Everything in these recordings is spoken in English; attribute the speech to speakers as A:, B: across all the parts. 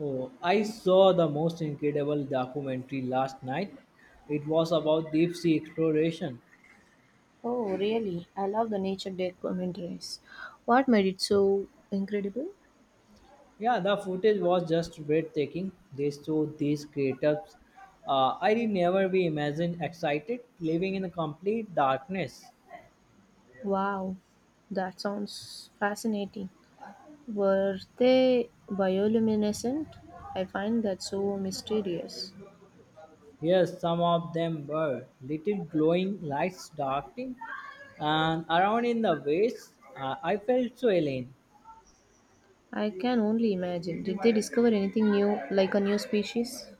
A: Oh, I saw the most incredible documentary last night. It was about deep sea exploration.
B: Oh, really? I love the Nature documentaries. What made it so incredible?
A: Yeah, the footage was just breathtaking. They showed these craters. I did never be imagined excited living in a complete darkness.
B: Wow, that sounds fascinating. Were they bioluminescent? I find that so mysterious.
A: Yes, some of them were little glowing lights darting and around in the waves. I felt so alien.
B: I can only imagine. Did they discover anything new, like a new species?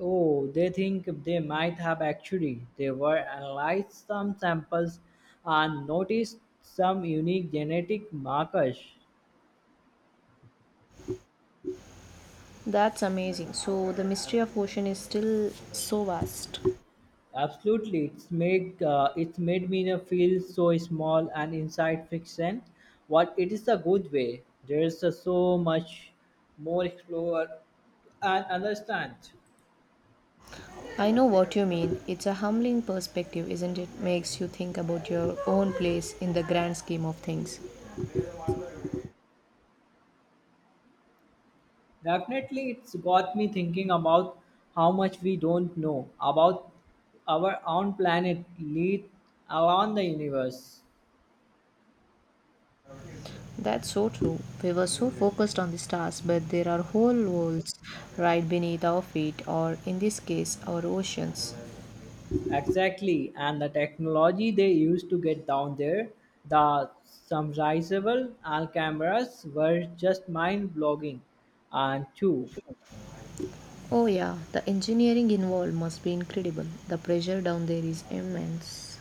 A: Oh, they think they might have actually. They were analyzed some samples and noticed some unique genetic markers.
B: That's amazing. So the mystery of ocean is still so vast.
A: Absolutely, it's made me feel so small and inside fiction. What it is a good way. There is so much more explore and understand.
B: I know what you mean. It's a humbling perspective, isn't it? Makes you think about your own place in the grand scheme of things.
A: Definitely, it's got me thinking about how much we don't know about our own planet, let alone the universe.
B: That's so true. We were so focused on the stars, but there are whole worlds right beneath our feet, or in this case, our oceans.
A: Exactly, and the technology they used to get down there, the submersible and cameras were just mind blogging. And two,
B: Oh, yeah, the engineering involved must be incredible. The pressure down there is immense.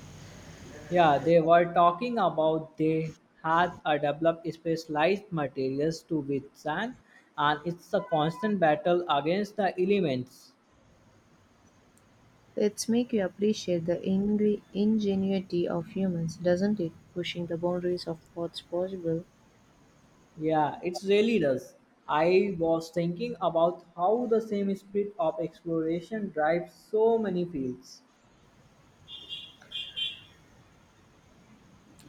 A: yeah, they were talking about they had a developed specialized materials to withstand, and it's a constant battle against the elements.
B: It's make you appreciate the ingenuity of humans, doesn't it? Pushing the boundaries of what's possible.
A: Yeah, it really does. I was thinking about how the same spirit of exploration drives so many fields.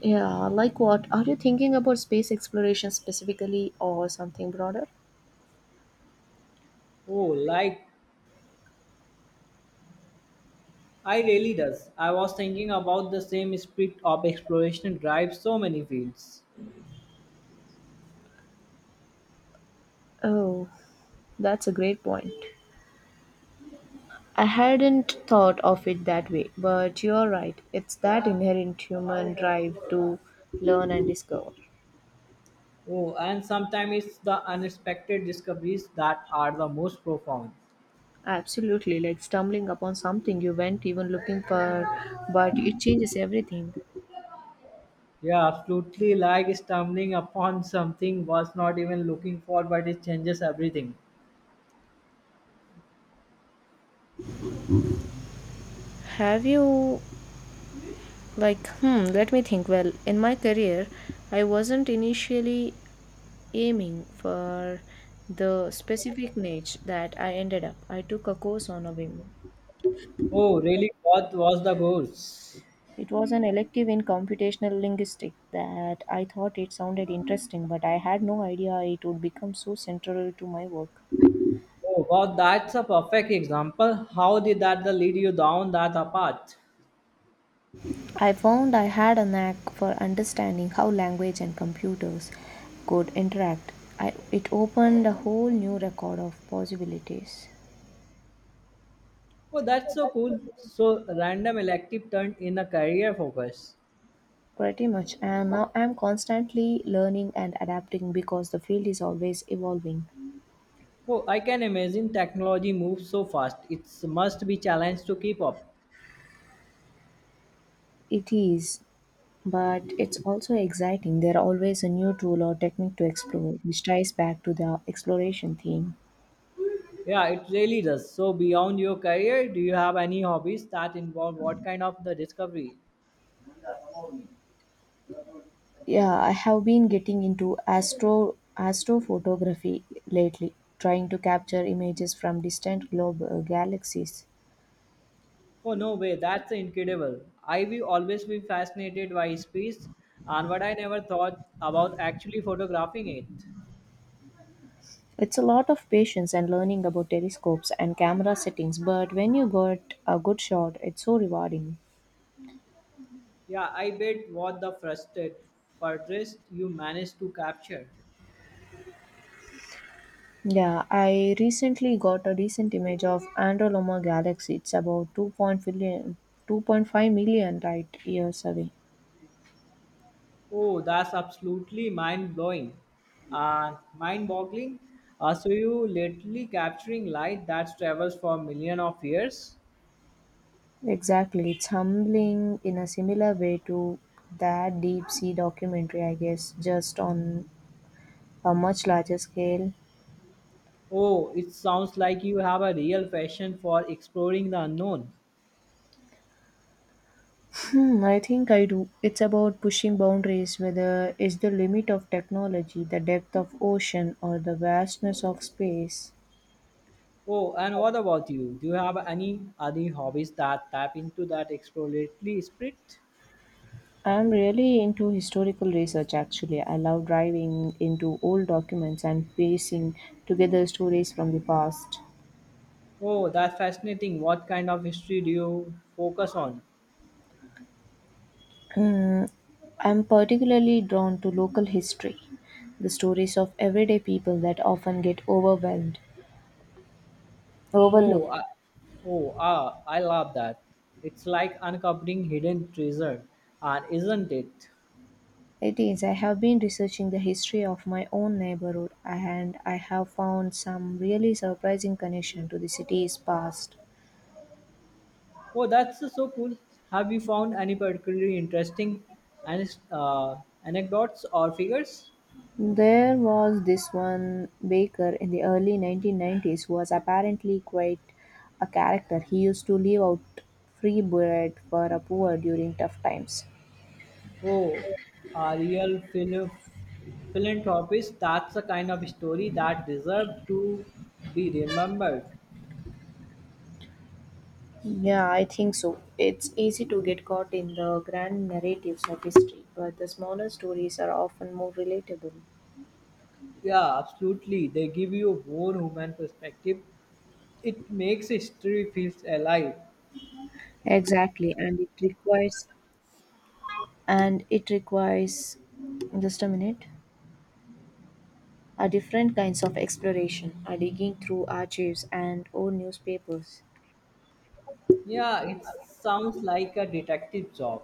B: Yeah, like what? Are you thinking about space exploration specifically or something broader?
A: Oh, like I really does. I was thinking about the same spirit of exploration drives so many fields.
B: Oh, that's a great point. I hadn't thought of it that way, but you're right. It's that inherent human drive to learn and discover.
A: Oh, and sometimes it's the unexpected discoveries that are the most profound.
B: Absolutely, like stumbling upon something you weren't even looking for, but it changes everything.
A: Yeah, absolutely. Like stumbling upon something was not even looking for, but it changes everything.
B: Have you, like, let me think. Well, in my career, I wasn't initially aiming for the specific niche that I ended up. I took a course on a whim.
A: Oh, really? What was the goals?
B: It was an elective in computational linguistics that I thought it sounded interesting, but I had no idea it would become so central to my work.
A: Oh wow, that's a perfect example. How did that the lead you down that a path?
B: I found I had a knack for understanding how language and computers could interact. I, it opened a whole new record of possibilities.
A: Oh, that's so cool. So random elective turned in a career focus.
B: Pretty much, and now I'm constantly learning and adapting because the field is always evolving.
A: Oh, I can imagine technology moves so fast. It must be challenge to keep up.
B: It is, but it's also exciting. There are always a new tool or technique to explore, which ties back to the exploration theme.
A: Yeah, it really does. So beyond your career, do you have any hobbies that involve what kind of the discovery?
B: Yeah, I have been getting into astrophotography lately, trying to capture images from distant globe galaxies.
A: Oh no way, that's incredible. I will always be fascinated by space and what I never thought about actually photographing it.
B: It's a lot of patience and learning about telescopes and camera settings, but when you got a good shot, it's so rewarding.
A: Yeah, I bet what the frustrated fortress you managed to capture.
B: Yeah, I recently got a recent image of Andromeda galaxy. It's about two point five million light years away.
A: Oh, that's absolutely mind blowing and mind boggling. So, you literally capturing light that travels for millions of years.
B: Exactly. It's humbling in a similar way to that deep sea documentary, I guess, just on a much larger scale.
A: Oh, it sounds like you have a real passion for exploring the unknown.
B: I think I do. It's about pushing boundaries, whether it's the limit of technology, the depth of ocean, or the vastness of space.
A: Oh, and what about you? Do you have any other hobbies that tap into that exploratory spirit?
B: I'm really into historical research actually. I love diving into old documents and piecing together stories from the past.
A: Oh, that's fascinating. What kind of history do you focus on?
B: Mm, I'm particularly drawn to local history, the stories of everyday people that often get
A: Oh,
B: overlooked.
A: I, oh, ah, I love that. It's like uncovering hidden treasure, and isn't it?
B: It is, I have been researching the history of my own neighborhood and I have found some really surprising connection to the city's past.
A: Oh, that's so cool. Have you found any particularly interesting an- uh, anecdotes or figures?
B: There was this one baker in the early 1990s who was apparently quite a character. He used to leave out free bread for the poor during tough times.
A: Oh, a real philanthropist. That's the kind of story that deserve to be remembered.
B: Yeah, I think so. It's easy to get caught in the grand narratives of history, but the smaller stories are often more relatable.
A: Yeah, absolutely. They give you a more human perspective. It makes history feels alive.
B: Exactly, and it requires just a minute a different kinds of exploration, a digging through archives and old newspapers.
A: Yeah, it sounds like a detective job,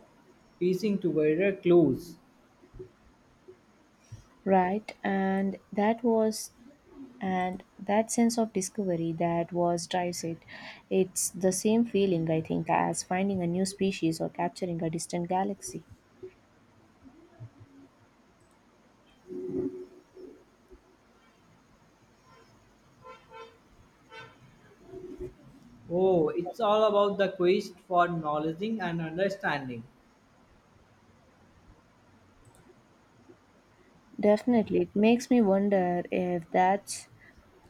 A: piecing together clues.
B: Right, and that was and that sense of discovery that was drives it. It's the same feeling I think as finding a new species or capturing a distant galaxy.
A: Oh, it's all about the quest for knowledge and understanding.
B: Definitely, it makes me wonder if that's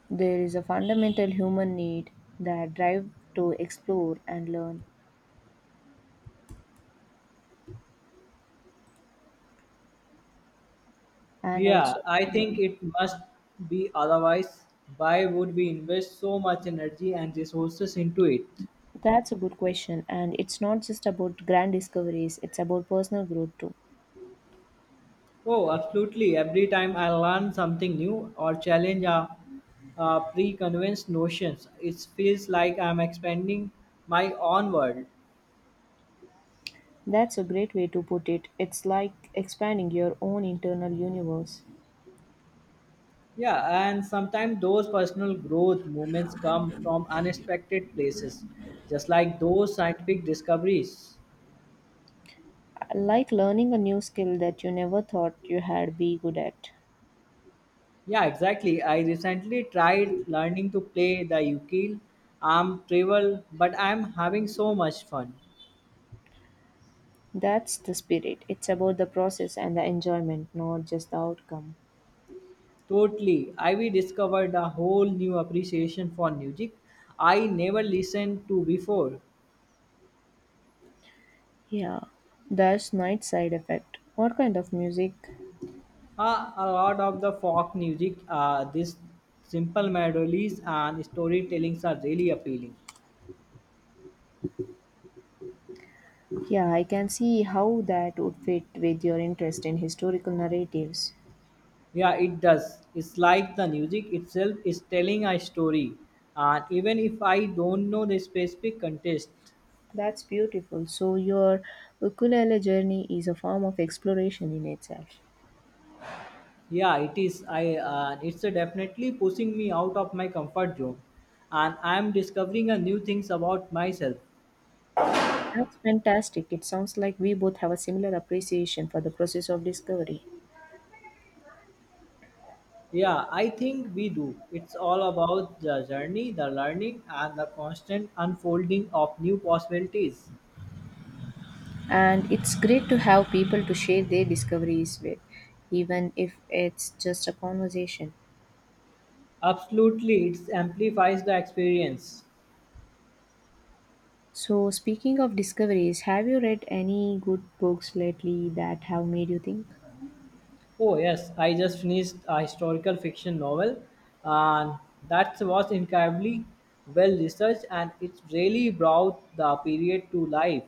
B: there is a fundamental human need that drive to explore and learn and
A: Yeah,
B: also
A: I think
B: learn.
A: it must be otherwise. Why would we invest so much energy and resources into it?
B: That's a good question, and it's not just about grand discoveries, it's about personal growth too.
A: Oh, absolutely. Every time I learn something new or challenge a pre-convinced notions, it feels like I'm expanding my own world.
B: That's a great way to put it. It's like expanding your own internal universe.
A: Yeah, and sometimes those personal growth moments come from unexpected places, just like those scientific discoveries.
B: Like learning a new skill that you never thought you had be good at.
A: Yeah, exactly. I recently tried learning to play the ukulele. I'm terrible, but I'm having so much fun.
B: That's the spirit. It's about the process and the enjoyment, not just the outcome.
A: Totally. I we discovered a whole new appreciation for music I never listened to before.
B: Yeah, that's night side effect. What kind of music?
A: A lot of the folk music, this simple melodies and storytellings are really appealing.
B: Yeah, I can see how that would fit with your interest in historical narratives.
A: Yeah, it does. It's like the music itself is telling a story. And even if I don't know the specific context,
B: That's beautiful. So your ukulele journey is a form of exploration in itself.
A: yeah, it is. I it's definitely pushing me out of my comfort zone, and I'm discovering a new things about myself.
B: That's fantastic. It sounds like we both have a similar appreciation for the process of discovery.
A: Yeah, I think we do. It's all about the journey, the learning, and the constant unfolding of new possibilities.
B: And it's great to have people to share their discoveries with, even if it's just a conversation.
A: Absolutely, it amplifies the experience.
B: So, speaking of discoveries, have you read any good books lately that have made you think?
A: Oh yes, I just finished a historical fiction novel, and that was incredibly well researched, and it really brought the period to life.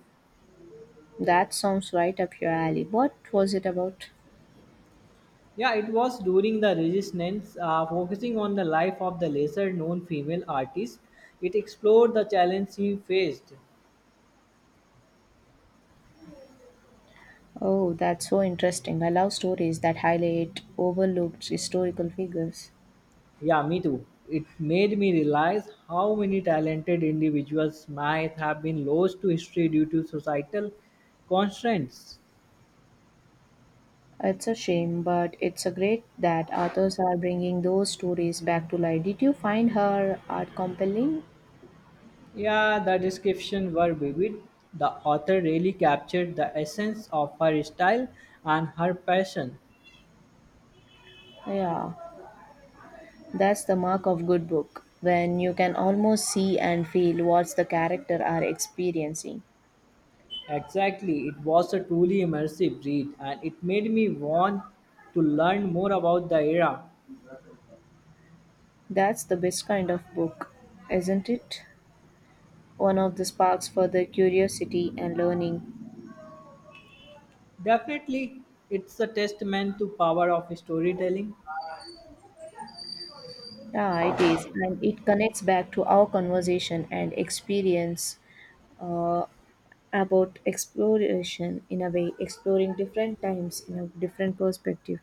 B: That sounds right up your alley. What was it about?
A: Yeah, it was during the Resistance, focusing on the life of the lesser-known female artist. It explored the challenge she faced.
B: Oh, that's so interesting. I love stories that highlight overlooked historical figures.
A: Yeah, me too. It made me realize how many talented individuals might have been lost to history due to societal constraints.
B: It's a shame, but it's a great that authors are bringing those stories back to life. Did you find her art compelling?
A: Yeah, the descriptions were vivid. The author really captured the essence of her style and her passion.
B: Yeah, that's the mark of good book when you can almost see and feel what the character are experiencing.
A: Exactly, it was a truly immersive read and it made me want to learn more about the era.
B: That's the best kind of book, isn't it? One of the sparks for the curiosity and learning.
A: Definitely, it's a testament to power of storytelling.
B: Yeah, it is, and it connects back to our conversation and experience uh, about exploration in a way, exploring different times in a different perspective.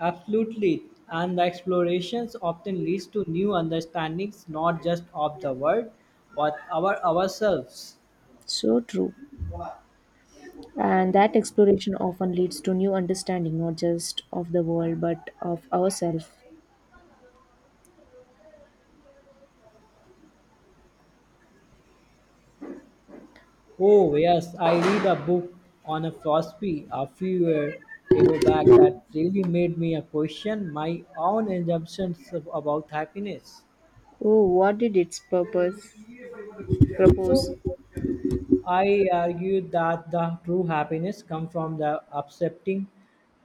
A: Absolutely, and the explorations often leads to new understandings not just of the world but our ourselves.
B: So true. And that exploration often leads to new understanding, not just of the world, but of ourselves.
A: Oh, yes, I read a book on a philosophy a few years ago back that really made me a question my own assumptions about happiness.
B: Oh, what did its purpose propose?
A: So I argue that the true happiness comes from the accepting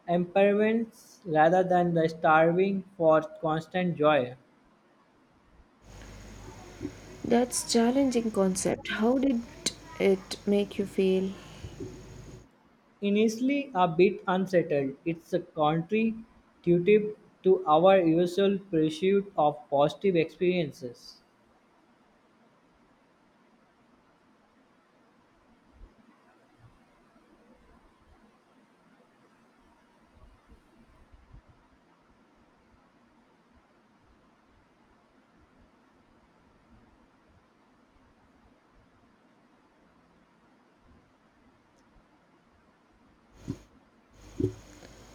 A: impairments rather than the starving for constant joy.
B: That's challenging concept. How did it make you feel?
A: Initially a bit unsettled, it's a counterintuitive to our usual pursuit of positive experiences.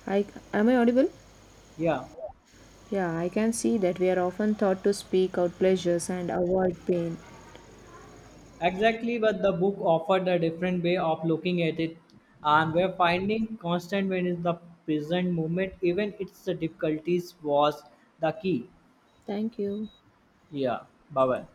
B: I am I audible?
A: Yeah.
B: Yeah, I can see that we are often taught to speak out pleasures and avoid pain.
A: Exactly, but the book offered a different way of looking at it, and we're finding constant when is the present moment, even its difficulties was the key.
B: Thank you.
A: Yeah, bye bye.